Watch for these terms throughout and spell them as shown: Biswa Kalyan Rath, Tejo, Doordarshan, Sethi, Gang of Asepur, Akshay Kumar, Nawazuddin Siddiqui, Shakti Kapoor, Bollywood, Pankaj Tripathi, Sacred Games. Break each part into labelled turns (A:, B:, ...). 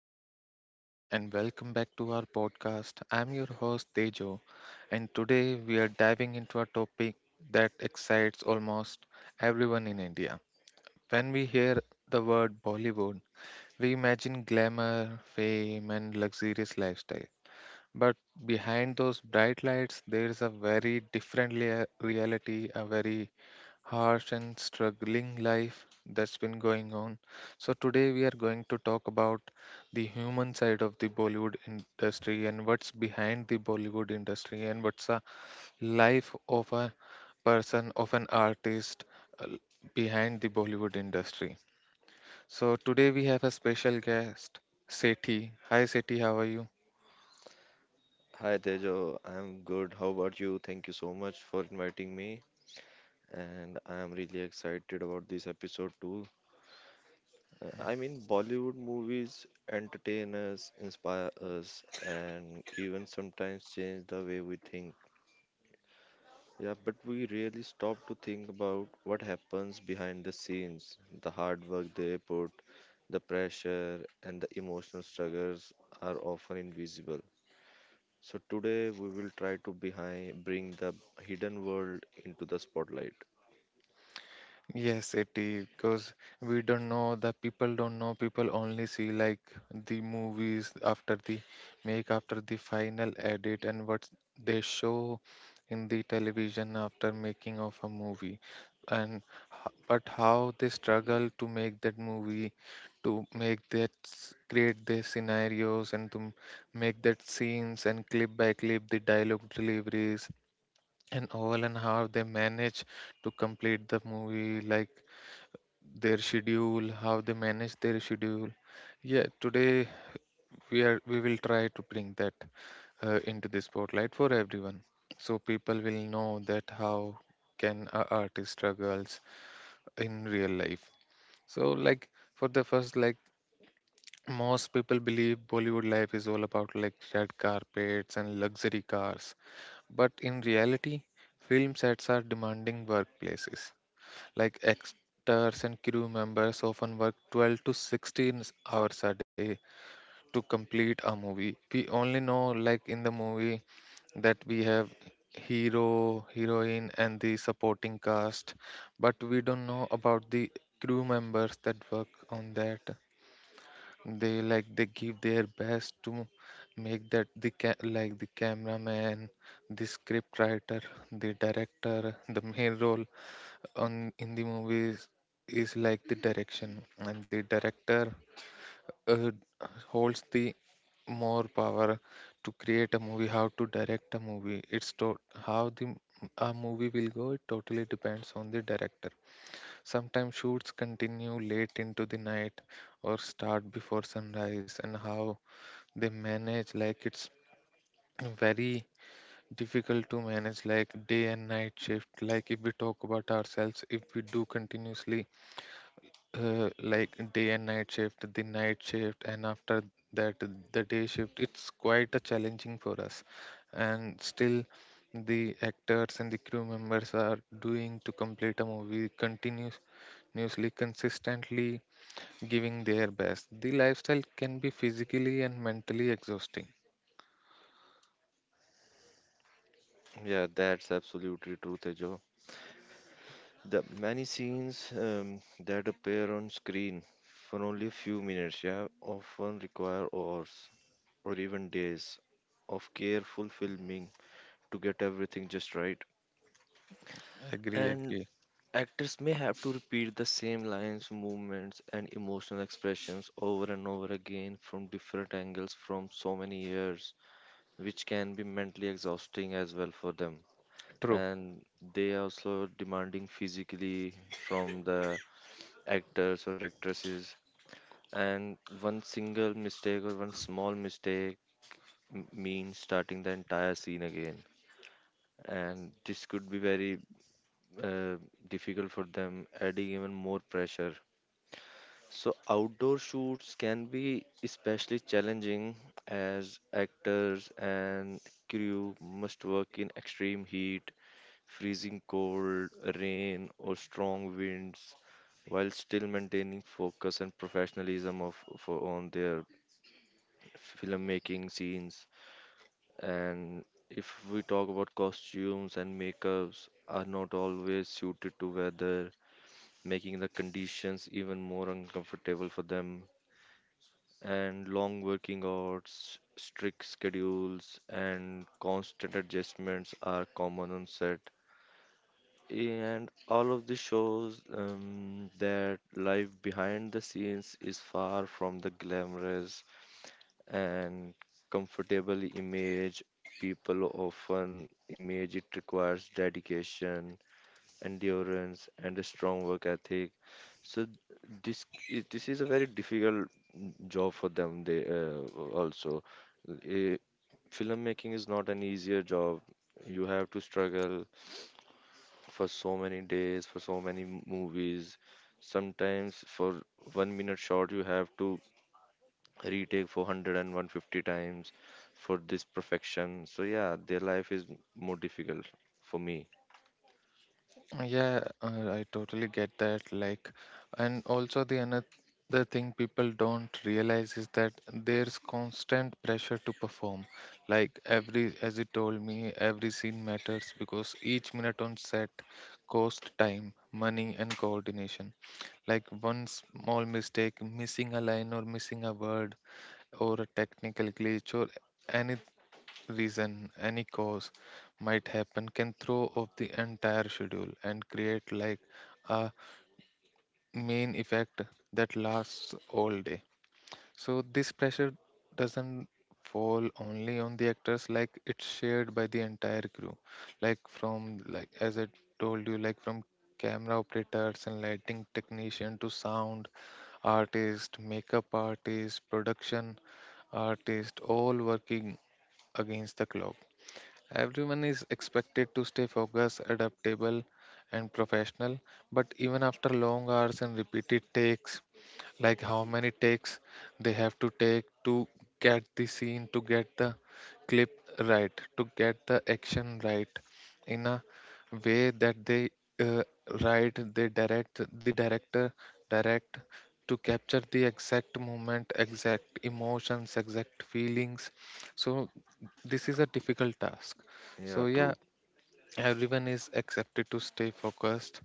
A: Hello, everyone, and welcome back to our podcast. I'm your host, Tejo, and today we are diving into a topic that excites almost everyone in India. When we hear the word Bollywood, we imagine glamour, fame, and luxurious lifestyle. But behind those bright lights, there is a very different reality, a very harsh and struggling life that's been going on. So, today we are going to talk about the human side of the Bollywood industry, and what's behind the Bollywood industry, and what's a life of a person, of an artist, uh, behind the Bollywood industry. So, today we have a special guest, Sethi. Hi, Sethi, how are you?
B: Hi Tejo, I'm good. How about you? Thank you so much for inviting me, and I'm really excited about this episode too. I mean, Bollywood movies entertain us, inspire us, and even sometimes change the way we think. Yeah, but we really stop to think about what happens behind the scenes. The hard work they put, the pressure, and the emotional struggles are often invisible. So today we will try to behind bring the hidden world into the spotlight.
A: Yes, it is because we don't know, the people don't know, people only see, like, the movies after the make after the final edit, and what they show in the television after making of a movie. And but how they struggle to make that movie, to make create their scenarios, and to make that scenes, and clip by clip the dialogue deliveries and all, and how they manage to complete the movie, like their schedule, how they manage their schedule. Yeah, today we will try to bring that into the spotlight for everyone, so people will know that how can a artist struggles in real life. So like, for the first, like, most people believe Bollywood life is all about like red carpets and luxury cars, but in reality, film sets are demanding workplaces. Like, actors and crew members often work 12 to 16 hours a day to complete a movie. We only know, like, in the movie, that we have hero, heroine, and the supporting cast, but we don't know about the crew members that work on that. They, like, they give their best to make like the cameraman, the script writer, the director. The main role on in the movies is, like, the direction, and the director uh, holds the more power to create a movie, how to direct a movie. How a movie will go, it totally depends on the director. Sometimes shoots continue late into the night or start before sunrise, and how they manage, like, it's very difficult to manage like day and night shift. Like, if we talk about ourselves, if we do continuously like day and night shift, the night shift, and after that the day shift. It's quite a challenging for us, and still the actors and the crew members are doing to complete a movie continuously, consistently giving their best. The lifestyle can be physically and mentally exhausting.
B: Yeah, that's absolutely true, Tejo. The many scenes that appear on screen for only a few minutes, yeah, often require hours or even days of careful filming to get everything just right.
A: Agree,
B: And
A: agree.
B: actors may have to repeat the same lines, movements, and emotional expressions over and over again from different angles from so many years, which can be mentally exhausting as well for them.
A: True.
B: And they are also demanding physically from the actors or actresses. And one single mistake or one small mistake means starting the entire scene again. And this could be very uh, difficult for them, adding even more pressure. So, outdoor shoots can be especially challenging, as actors and crew must work in extreme heat, freezing cold, rain, or strong winds, while still maintaining focus and professionalism of for on their filmmaking scenes. And if we talk about costumes and makeups, are not always suited to weather, making the conditions even more uncomfortable for them. And long working hours, strict schedules, and constant adjustments are common on set. And all of this shows that life behind the scenes is far from the glamorous and comfortable image people often image. It requires dedication, endurance, and a strong work ethic. So this this is a very difficult job for them. Also, Uh, Filmmaking is not an easier job. You have to struggle for so many days, for so many movies. Sometimes for 1 minute shot, you have to retake for 100 and 150 times for this perfection. So, yeah, their life is more difficult for me.
A: Yeah, I totally get that. Like, and also the another thing people don't realize is that there's constant pressure to perform. Like, every, as you told me, every scene matters because each minute on set costs time, money, and coordination. Like, one small mistake, missing a line or missing a word, or a technical glitch, or any reason, any cause might happen, can throw off the entire schedule and create, like, a main effect that lasts all day. So this pressure doesn't fall only on the actors, like, it's shared by the entire crew, like, from, like, as I told you, like, from camera operators and lighting technician to sound artist, makeup artist, production artist, all working against the clock. Everyone is expected to stay focused, adaptable, and professional, but even after long hours and repeated takes, like, how many takes they have to take to get the scene, to get the clip right, to get the action right in a way that they uh, write, they direct, the director direct, to capture the exact moment, exact emotions, exact feelings. So this is a difficult task.
B: Yeah,
A: So yeah,
B: true.
A: everyone is accepted to stay focused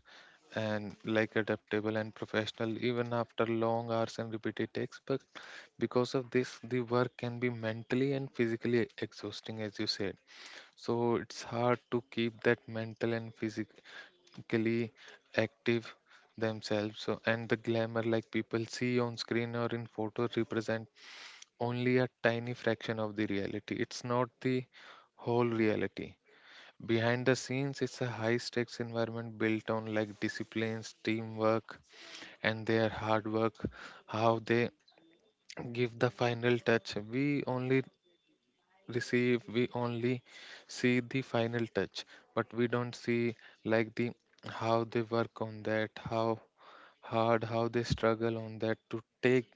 A: and, like, adaptable and professional even after long hours and repeated takes. But because of this, the work can be mentally and physically exhausting, as you said. So it's hard to keep that mental and physically active themselves. So, and the glamour, like, people see on screen or in photos represent only a tiny fraction of the reality, it's not the whole reality. Behind the scenes, it's a high stakes environment built on, like, disciplines, teamwork, and their hard work, how they give the final touch. We only receive, we only see the final touch, but we don't see, like, the how they work on that, how hard, how they struggle on that to take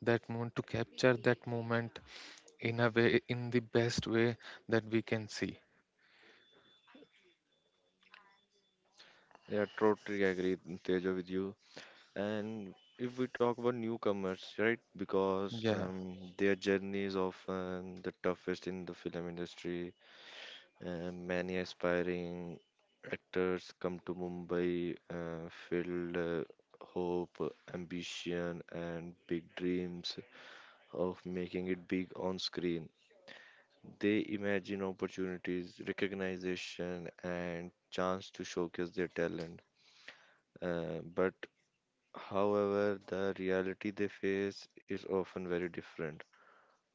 A: that moment, to capture that moment in a way, in the best way that we can see.
B: Yeah, totally agree, Teja, with you. And if we talk about newcomers, right? Because
A: Yeah,
B: their journey is often the toughest in the film industry. Many aspiring actors come to Mumbai filled hope, ambition, and big dreams of making it big on screen. They imagine opportunities, recognition, and chance to showcase their talent. But however, the reality they face is often very different.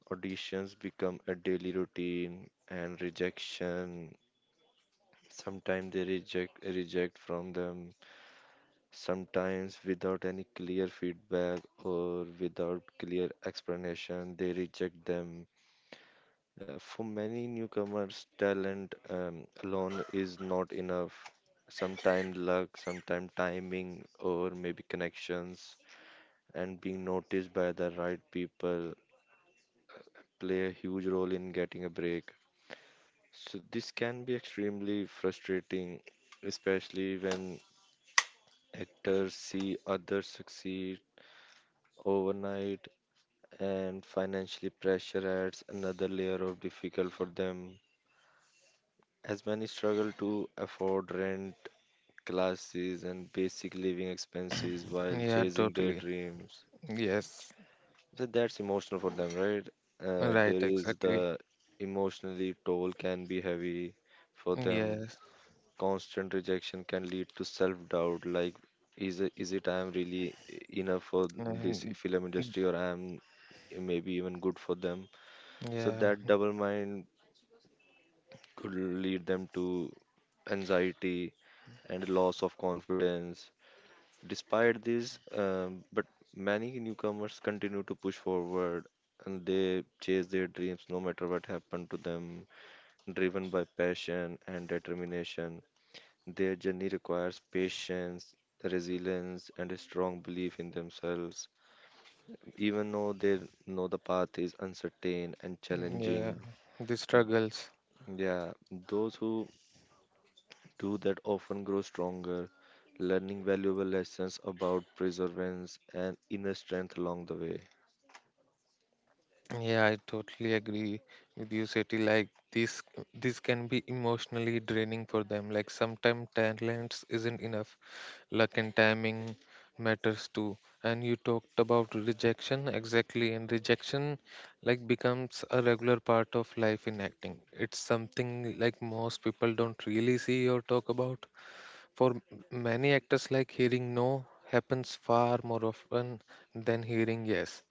B: Auditions become a daily routine, and rejection. Sometimes they reject from them, sometimes without any clear feedback or without clear explanation, they reject them. For many newcomers, talent alone is not enough. Sometimes luck, sometimes timing, or maybe connections, and being noticed by the right people play a huge role in getting a break. So this can be extremely frustrating, especially when actors see others succeed overnight, and financially pressure adds another layer of difficult for them, as many struggle to afford rent, classes, and basic living expenses while
A: yeah,
B: chasing their
A: totally.
B: dreams.
A: Yes.
B: So that's emotional for them, right?
A: Right,
B: There is
A: exactly.
B: the emotionally toll can be heavy for them.
A: Yes.
B: Constant rejection can lead to self doubt like, is it I am really enough for this
A: Mhm.
B: film industry, or I am maybe even good for them? So,
A: Yeah.
B: that double mind could lead them to anxiety and loss of confidence. Despite this, but many newcomers continue to push forward, and they chase their dreams no matter what happened to them, driven by passion and determination. Their journey requires patience, resilience, and a strong belief in themselves, even though they know the path is uncertain and
A: Yeah.
B: challenging.
A: The struggles.
B: Yeah, those who do that often grow stronger, learning valuable lessons about perseverance and inner strength along the way.
A: Yeah, I totally agree with you, Seti. Like, this can be emotionally draining for them. Like, sometimes talents isn't enough. Luck and timing matters too. And you talked about rejection, exactly, and rejection, like, becomes a regular part of life in acting. It's something like most people don't really see or talk about. For m- many actors, like, hearing no happens far more often than hearing yes.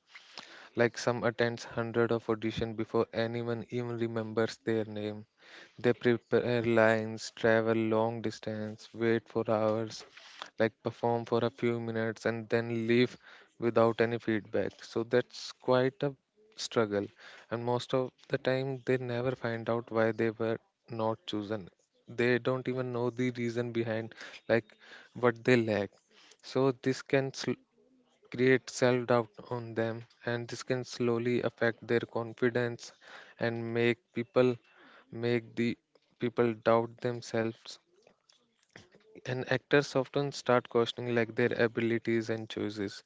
A: Like, some attends hundred of audition before anyone even remembers their name. They prepare lines, travel long distance, wait for hours, like, perform for a few minutes and then leave without any feedback. So that's quite a struggle. And most of the time they never find out why they were not chosen. They don't even know the reason behind, like, what they lack. So this can create self doubt on them, and this can slowly affect their confidence, and make people, make the people doubt themselves. And actors often start questioning, like, their abilities and choices,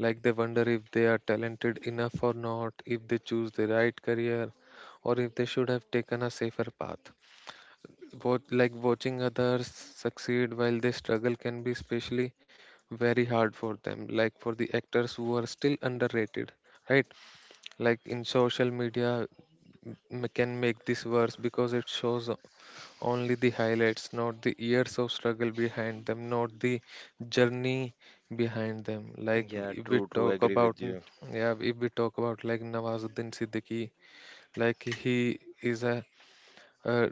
A: like, they wonder if they are talented enough or not, if they choose the right career, or if they should have taken a safer path. What, like, watching others succeed while they struggle can be especially very hard for them, like, for the actors who are still underrated, right? Like, in social media, can make this worse because it shows only the highlights, not the years of struggle behind them, not the journey behind them. Like
B: Yeah,
A: if we
B: true, true.
A: talk
B: Agree
A: about,
B: with you.
A: yeah, if we talk about, like, Nawazuddin Siddiqui, like, he is a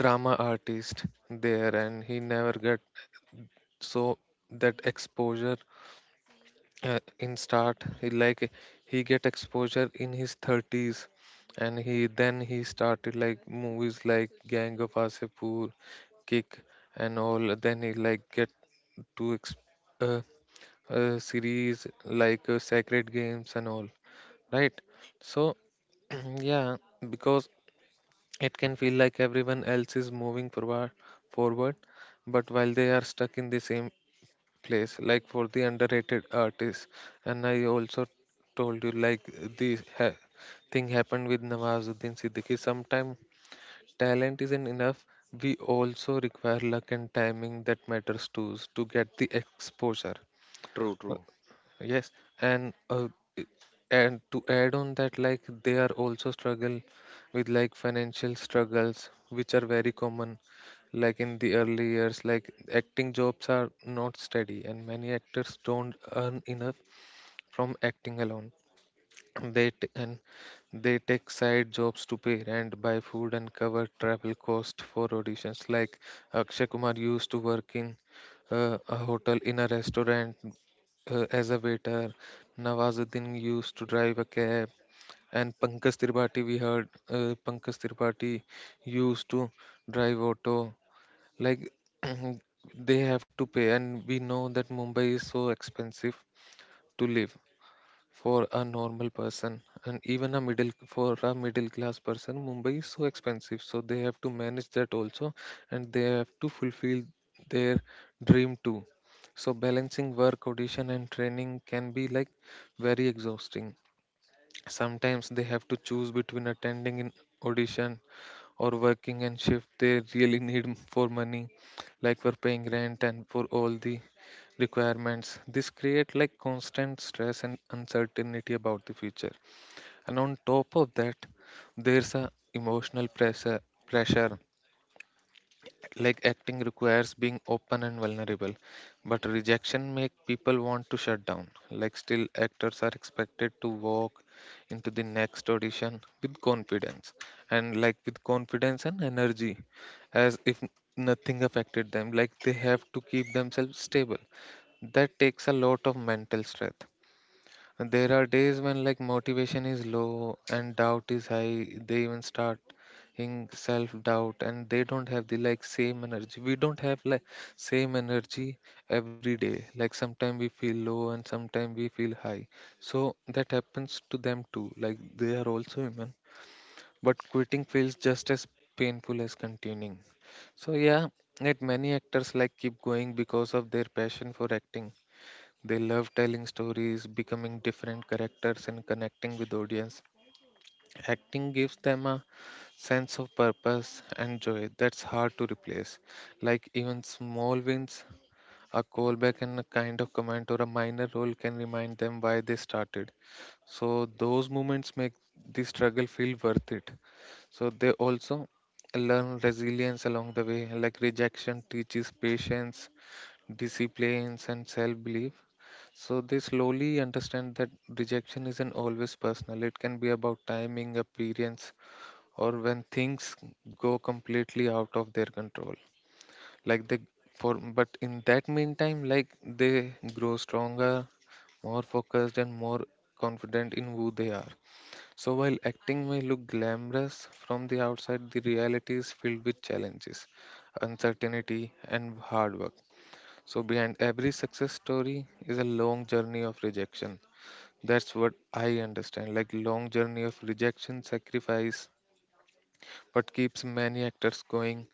A: drama artist there, and he never get so that exposure. In start, he, like, he get exposure in his 30s, and he then he started like movies like gang of Asepur, kick and all, then he, like, get to ex- uh, series like, sacred games and all, right? So yeah, because it can feel like everyone else is moving forward, forward, but while they are stuck in the same place, like, for the underrated artists. And I also told you, like, the ha- thing happened with Nawazuddin Siddiqui. Sometimes talent isn't enough. We also require luck and timing that matters too, to get the exposure.
B: True, true.
A: Yes, and i- and to add on that, like, they are also struggle with, like, financial struggles, which are very common. Like, in the early years, like, acting jobs are not steady, and many actors don't earn enough from acting alone. They t- and They take side jobs to pay rent, buy food, and cover travel cost for auditions. Like, Akshay Kumar used to work in a hotel, in a restaurant, as a waiter. Nawazuddin used to drive a cab, and Pankaj Tripathi, we heard, Pankaj Tripathi used to drive auto. Like, they have to pay, and we know that Mumbai is so expensive to live for a normal person, and even a middle class person, Mumbai is so expensive, so they have to manage that also, and they have to fulfill their dream too. So balancing work, audition, and training can be, like, very exhausting. Sometimes they have to choose between attending an audition, or working and shift they really need for money, like, for paying rent and for all the requirements. This create, like, constant stress and uncertainty about the future. And on top of that, there's a emotional pressure, like, acting requires being open and vulnerable, but rejection make people want to shut down. Like, still actors are expected to walk into the next audition with confidence, and, like, with confidence and energy, as if nothing affected them, like, they have to keep themselves stable. That takes a lot of mental strength. There are days when, like, motivation is low and doubt is high. They even start in self-doubt, and they don't have the, like, same energy. We don't have, like, same energy every day. Like, sometimes we feel low and sometimes we feel high. So that happens to them too. Like, they are also human, but quitting feels just as painful as continuing. So yeah, yet many actors, like, keep going because of their passion for acting. They love telling stories, becoming different characters, and connecting with audience. Acting gives them a sense of purpose and joy that's hard to replace. Like even small wins, a callback and a kind of comment or a minor role can remind them why they started. So those moments make the struggle feel worth it. So they also learn resilience along the way, like rejection teaches patience, disciplines, and self belief. So they slowly understand that rejection isn't always personal. It can be about timing, appearance, or when things go completely out of their control. Like they for but in that meantime, like they grow stronger, more focused, and more confident in who they are. So while acting may look glamorous from the outside, the reality is filled with challenges, uncertainty, and hard work. So behind every success story is a long journey of rejection, that's what I understand. Like long journey of rejection, sacrifice, what keeps many actors going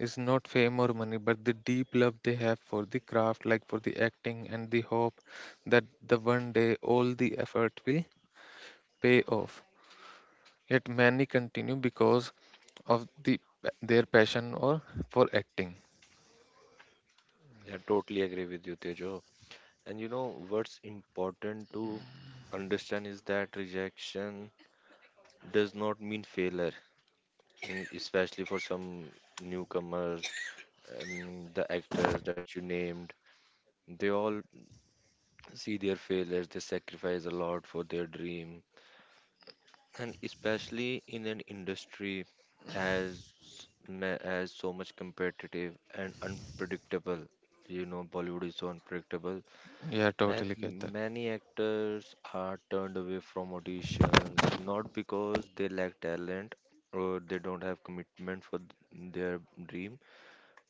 A: is not fame or money, but the deep love they have for the craft, like for the acting and the hope that the one day all the effort will pay off. Yet many continue because of their passion or for acting.
B: Yeah, totally agree with you, Tejo. And you know what's important to understand is that rejection does not mean failure. Mm, especially for some newcomers and the actors that you named, they all see their failures. They sacrifice a lot for their dream, and especially in an industry as as so much competitive and unpredictable. You know, Bollywood is so unpredictable.
A: Yeah,
B: Man,
A: totally get that.
B: many actors are turned away from auditions not because they lack talent or they don't have commitment for their dream,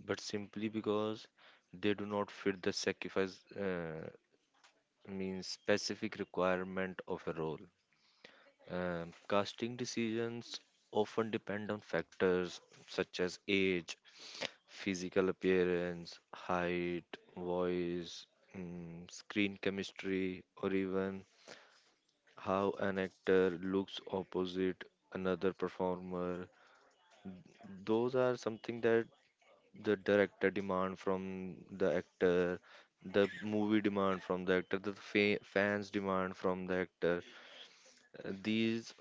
B: but simply because they do not fit the sacrifice, means specific requirement of a role. Casting decisions often depend on factors such as age, physical appearance, height, voice, mm, screen chemistry, or even how an actor looks opposite another performer. Those are something that the director demand from the actor, the movie demand from the actor, the fans demand from the actor. These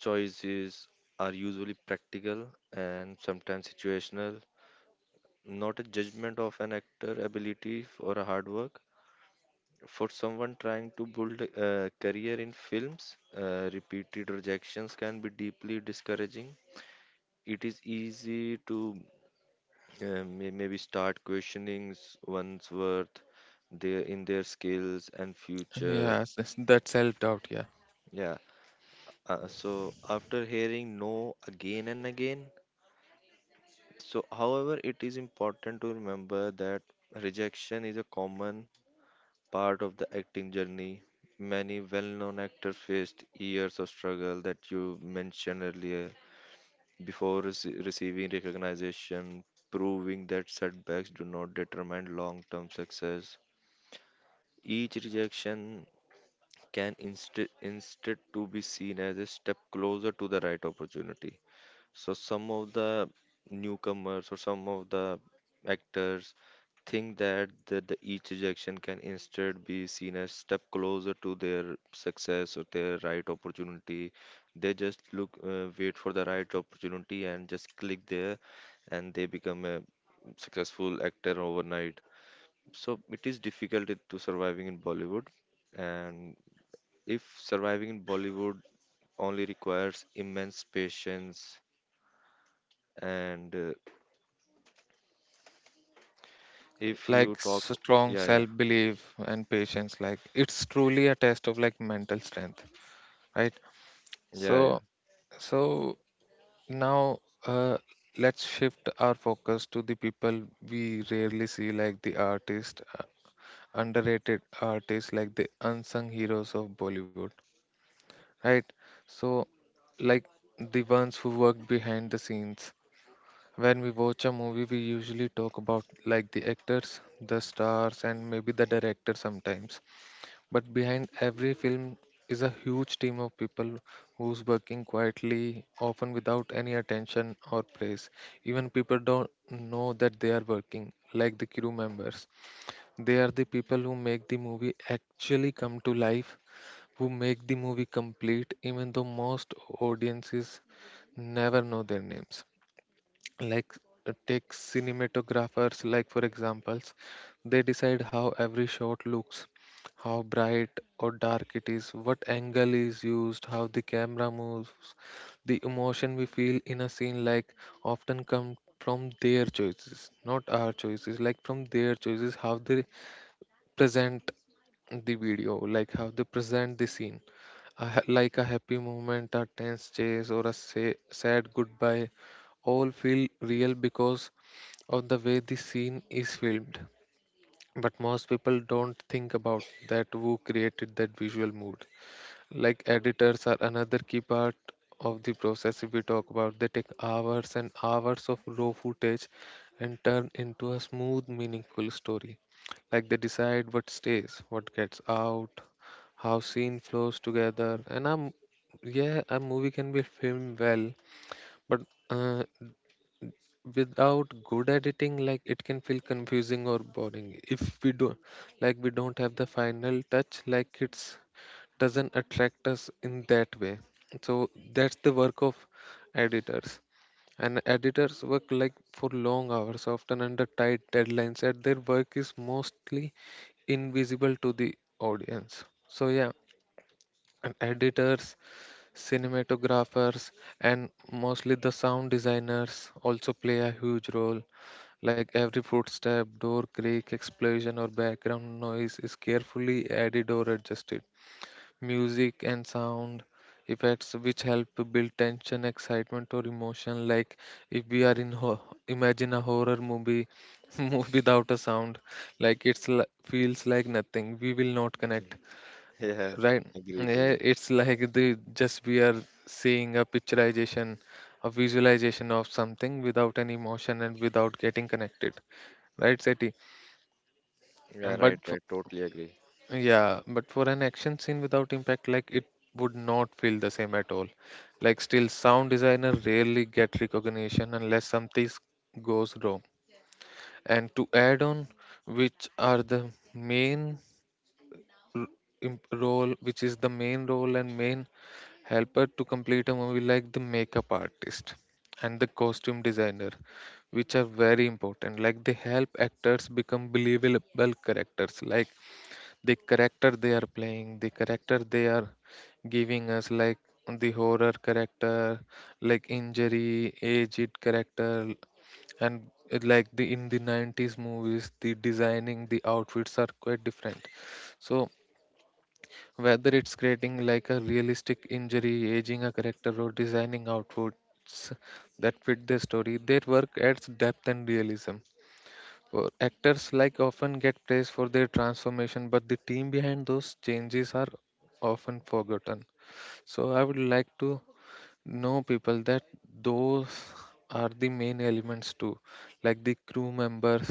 B: choices are usually practical and sometimes situational, not a judgment of an actor ability or a hard work. For someone trying to build a career in films, repeated rejections can be deeply discouraging. It is easy to maybe start questioning one's worth, their in their skills and future.
A: Yeah, that self doubt. Yeah.
B: Yeah. So after hearing no again and again, so however it is important to remember that rejection is a common part of the acting journey. Many well-known actors faced years of struggle that you mentioned earlier before receiving recognition, proving that setbacks do not determine long-term success. Each rejection can instead to be seen as a step closer to the right opportunity. So some of the newcomers or some of the actors think that the each rejection can instead be seen as step closer to their success or their right opportunity. They just look wait for the right opportunity and just click there, and they become a successful actor overnight. So it is difficult to surviving in Bollywood. And if surviving in Bollywood only requires immense patience, and if you
A: Like
B: talk,
A: strong
B: yeah, yeah,
A: self belief and patience, like it's truly a test of like mental strength, right? so
B: yeah, yeah,
A: so now uh, let's shift our focus to the people we rarely see, like the artist underrated artists, like the unsung heroes of Bollywood, right? So like the ones who worked behind the scenes. When we watch a movie, we usually talk about like the actors, the stars, and maybe the director sometimes. But behind every film is a huge team of people who's working quietly, often without any attention or praise. Even people don't know that they are working, like the crew members. They are the people who make the movie actually come to life, who make the movie complete, even though most audiences never know their names. Like take cinematographers, like for examples, they decide how every shot looks, how bright or dark it is, what angle is used, how the camera moves. The emotion we feel in a scene like often come from their choices, not our choices, like from their choices, how they present the video, like how they present the scene. Like a happy moment, a tense chase, or a say, sad goodbye, all feel real because of the way the scene is filmed. But most people don't think about that, who created that visual mood. Like editors are another key part of the process. If we talk about, they take hours and hours of raw footage and turn into a smooth meaningful story. Like they decide what stays, what gets out, how scene flows together. And I'm, yeah, a movie can be filmed well, but uh, without good editing, like it can feel confusing or boring if we don't, like we don't have the final touch, like it's doesn't attract us in that way. So that's the work of editors. And editors work like for long hours, often under tight deadlines, and their work is mostly invisible to the audience. So yeah, and editors, cinematographers, and mostly the sound designers also play a huge role. Like every footstep, door creak, explosion, or background noise is carefully added or adjusted. Music and sound effects, which help to build tension, excitement, or emotion. Like if we are in imagine a horror movie, move without a sound, like feels like nothing. We will not connect,
B: yeah,
A: right?
B: agree to
A: Yeah,
B: you.
A: it's like the just we are seeing a picturization, a visualization of something without any emotion and without getting connected, right, Seti?
B: Yeah,
A: And but,
B: right, right, totally agree.
A: yeah, but for an action scene without impact, like it would not feel the same at all. Like still, sound designer rarely get recognition unless something goes wrong. And to add on, which are the main r- role, which is the main role and main helper to complete a movie, like the makeup artist and the costume designer, which are very important. Like they help actors become believable characters. Like the character they are playing, the character they are giving us, like the horror character, like injury, aged character. And it like the in the 90s movies, the designing, the outfits are quite different. So whether it's creating like a realistic injury, aging a character, or designing outfits that fit the story, their work adds depth and realism. Well, actors like often get praise for their transformation, but the team behind those changes are often forgotten. So I would like to know people that those are the main elements too, like the crew members.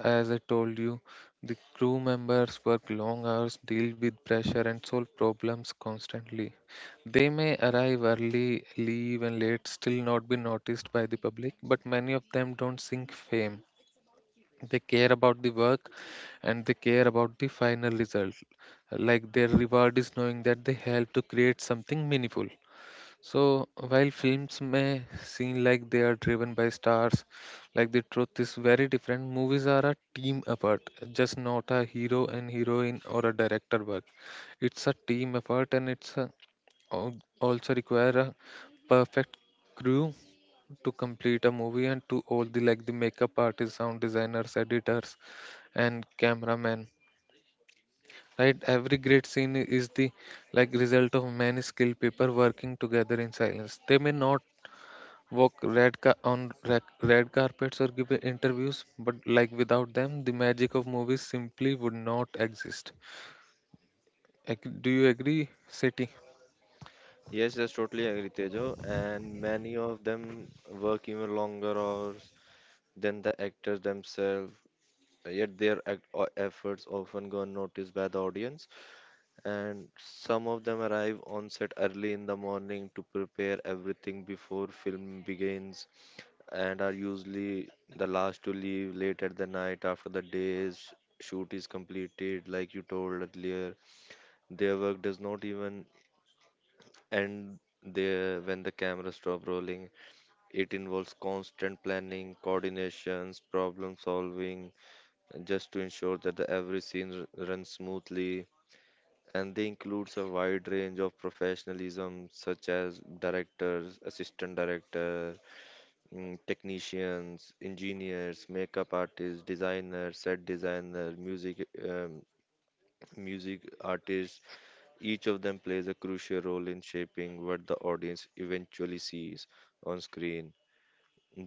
A: As I told you, the crew members work long hours, deal with pressure, and solve problems constantly. They may arrive early, leave, and late, still not be noticed by the public, but many of them don't seek fame. They care about the work, and they care about the final result. Like their reward is knowing that they help to create something meaningful. So while films may seem like they are driven by stars, like the truth is very different. Movies are a team effort, just not a hero and heroine or a director work. It's a team effort, and also require a perfect crew to complete a movie, and to all the, like the makeup artists, sound designers, editors, and cameramen. Right, every great scene is the like result of many skilled people working together in silence. They may not walk red ca- on rec- red carpets or give interviews, but like without them, the magic of movies simply would not exist. Do you agree, City?
B: Yes, yes, totally agree, Tejo. And many of them work even longer hours than the actors themselves, yet their efforts often go unnoticed by the audience. And some of them arrive on set early in the morning to prepare everything before film begins, and are usually the last to leave late at the night after the day's shoot is completed, like you told earlier. Their work does not even end there when the cameras stop rolling. It involves constant planning, coordinations, problem solving, just to ensure that the every scene runs smoothly. And they includes a wide range of professionalism such as directors, assistant director, mm, technicians, engineers, makeup artists, designers, set designer, music artists. Each of them plays a crucial role in shaping what the audience eventually sees on screen.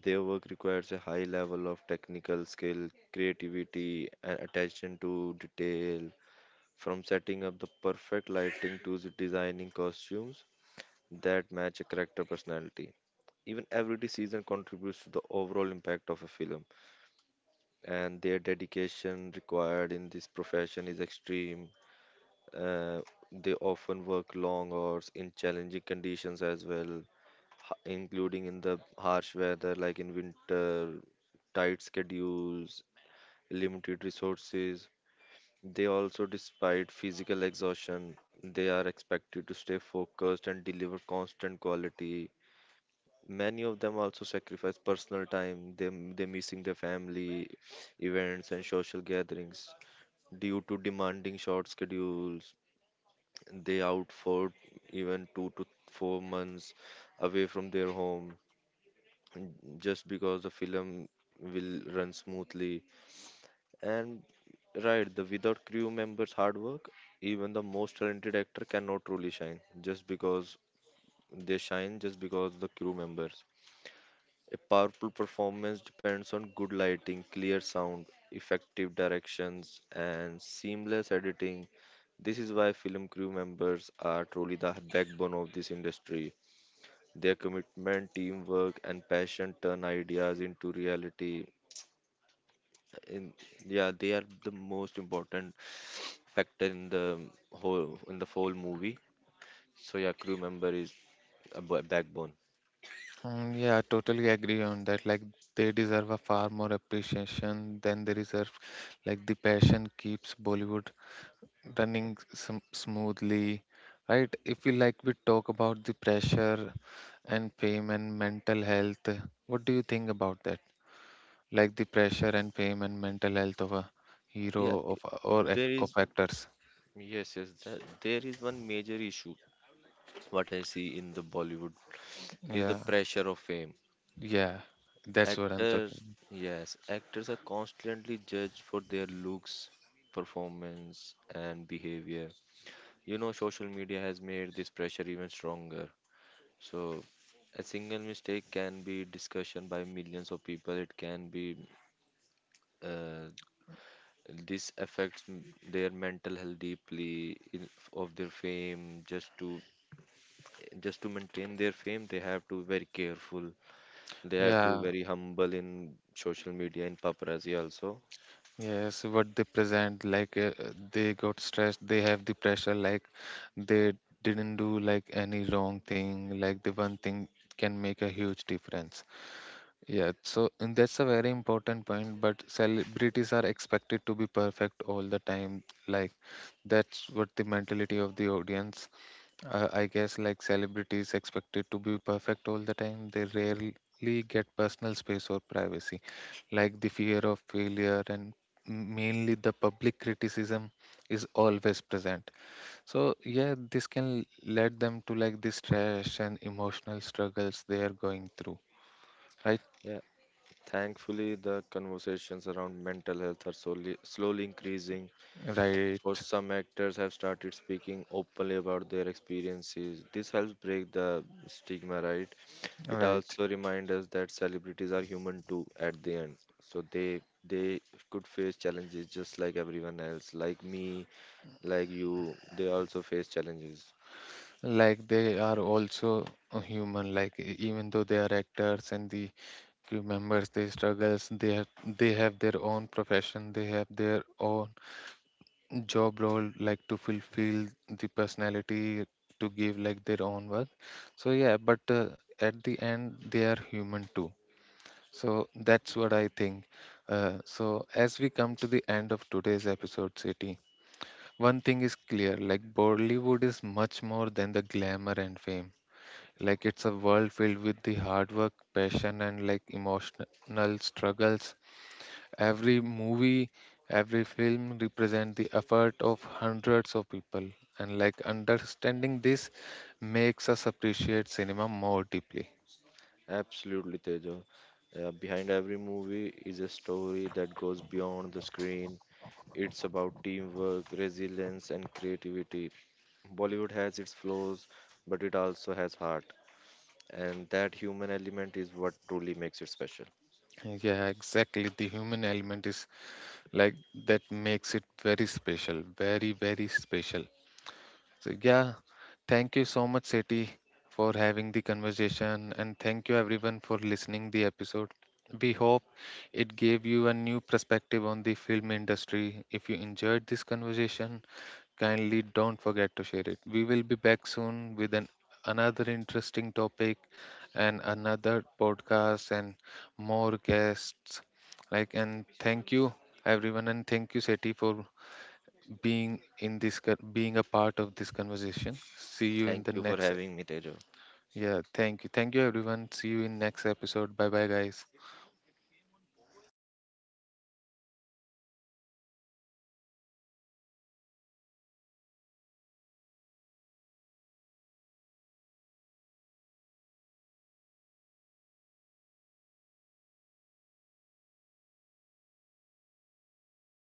B: Their work requires a high level of technical skill, creativity, and attention to detail, from setting up the perfect lighting to the designing costumes that match a character personality. Even every season contributes to the overall impact of a film, and their dedication required in this profession is extreme. Uh, they often work long hours in challenging conditions as well, including in the harsh weather like in winter, tight schedules, limited resources. They also, despite physical exhaustion, they are expected to stay focused and deliver constant quality. Many of them also sacrifice personal time. They missing their family events and social gatherings due to demanding short schedules. They out for even 2 to 4 months away from their home just because the film will run smoothly. And right, the without crew members' hard work, even the most talented actor cannot truly shine, just because they shine just because the crew members. A powerful performance depends on good lighting, clear sound, effective directions, and seamless editing. This is why film crew members are truly the backbone of this industry. Their commitment, teamwork, and passion turn ideas into reality. In, yeah, they are the most important factor in the whole movie. So yeah, crew member is a backbone.
A: Mm, yeah, totally agree on that. Like they deserve a far more appreciation than they deserve. Like the passion keeps Bollywood running smoothly, right? If we like we talk about the pressure and fame and mental health, what do you think about that? Like the pressure and fame and mental health of a
B: Yeah,
A: hero of
B: I-
A: or
B: there
A: of
B: is
A: actors.
B: Yes, yes, that, there is one major issue. What I see in the Bollywood is the
A: Yeah,
B: pressure of fame.
A: yeah, that's what I'm
B: Actors,
A: talking.
B: yes, actors are constantly judged for their looks, performance, and behavior. You know, social media has made this pressure even stronger. So a single mistake can be discussion by millions of people. It can be uh, this affects their mental health deeply in, of their fame, just to maintain their fame they have to be very careful. They have to be
A: Yeah.
B: very humble in social media, in paparazzi also.
A: Yes, what they present, like they got stressed, they have the pressure, like they didn't do like any wrong thing, like the one thing can make a huge difference. Yeah, so and that's a very important point, but celebrities are expected to be perfect all the time. Like that's what the mentality of the audience, I guess, like celebrities expected to be perfect all the time, they rarely get personal space or privacy. Like the fear of failure and mainly the public criticism is always present. So yeah, this can lead them to like the stress and emotional struggles they are going through. Right,
B: Yeah, thankfully the conversations around mental health are slowly slowly increasing. For
A: right,
B: some actors have started speaking openly about their experiences. This helps break the stigma, right? It
A: right.
B: also reminds us that celebrities are human too at the end. So they could face challenges just like everyone else, like me, like you. They also face challenges.
A: Like they are also a human. Like even though they are actors and the members, they struggles they have, they have their own profession, they have their own job role, like to fulfill the personality, to give like their own work. So yeah, but at the end they are human too. So that's what I think. So as we come to the end of today's episode, City, one thing is clear, like Bollywood is much more than the glamour and fame. Like it's a world filled with the hard work, passion, and like emotional struggles. Every movie, every film represent the effort of hundreds of people, and like understanding this makes us appreciate cinema more deeply.
B: Absolutely, Tejo. Behind every movie is a story that goes beyond the screen. It's about teamwork, resilience, and creativity. Bollywood has its flaws, but it also has heart, and that human element is what truly makes it special.
A: Yeah, exactly. The human element is like that makes it very special, very, very special. So, yeah, thank you so much, Seti, for having the conversation, and thank you everyone for listening the episode. We hope it gave you a new perspective on the film industry. If you enjoyed this conversation, kindly don't forget to share it. We will be back soon with an another interesting topic and another podcast and more guests. Like and thank you everyone and thank you Seti for being being a part of this conversation. See you in
B: Thank
A: the
B: you for
A: next.
B: having me, Tejo.
A: Yeah, thank you. Thank you everyone. See you in next episode. Bye bye guys.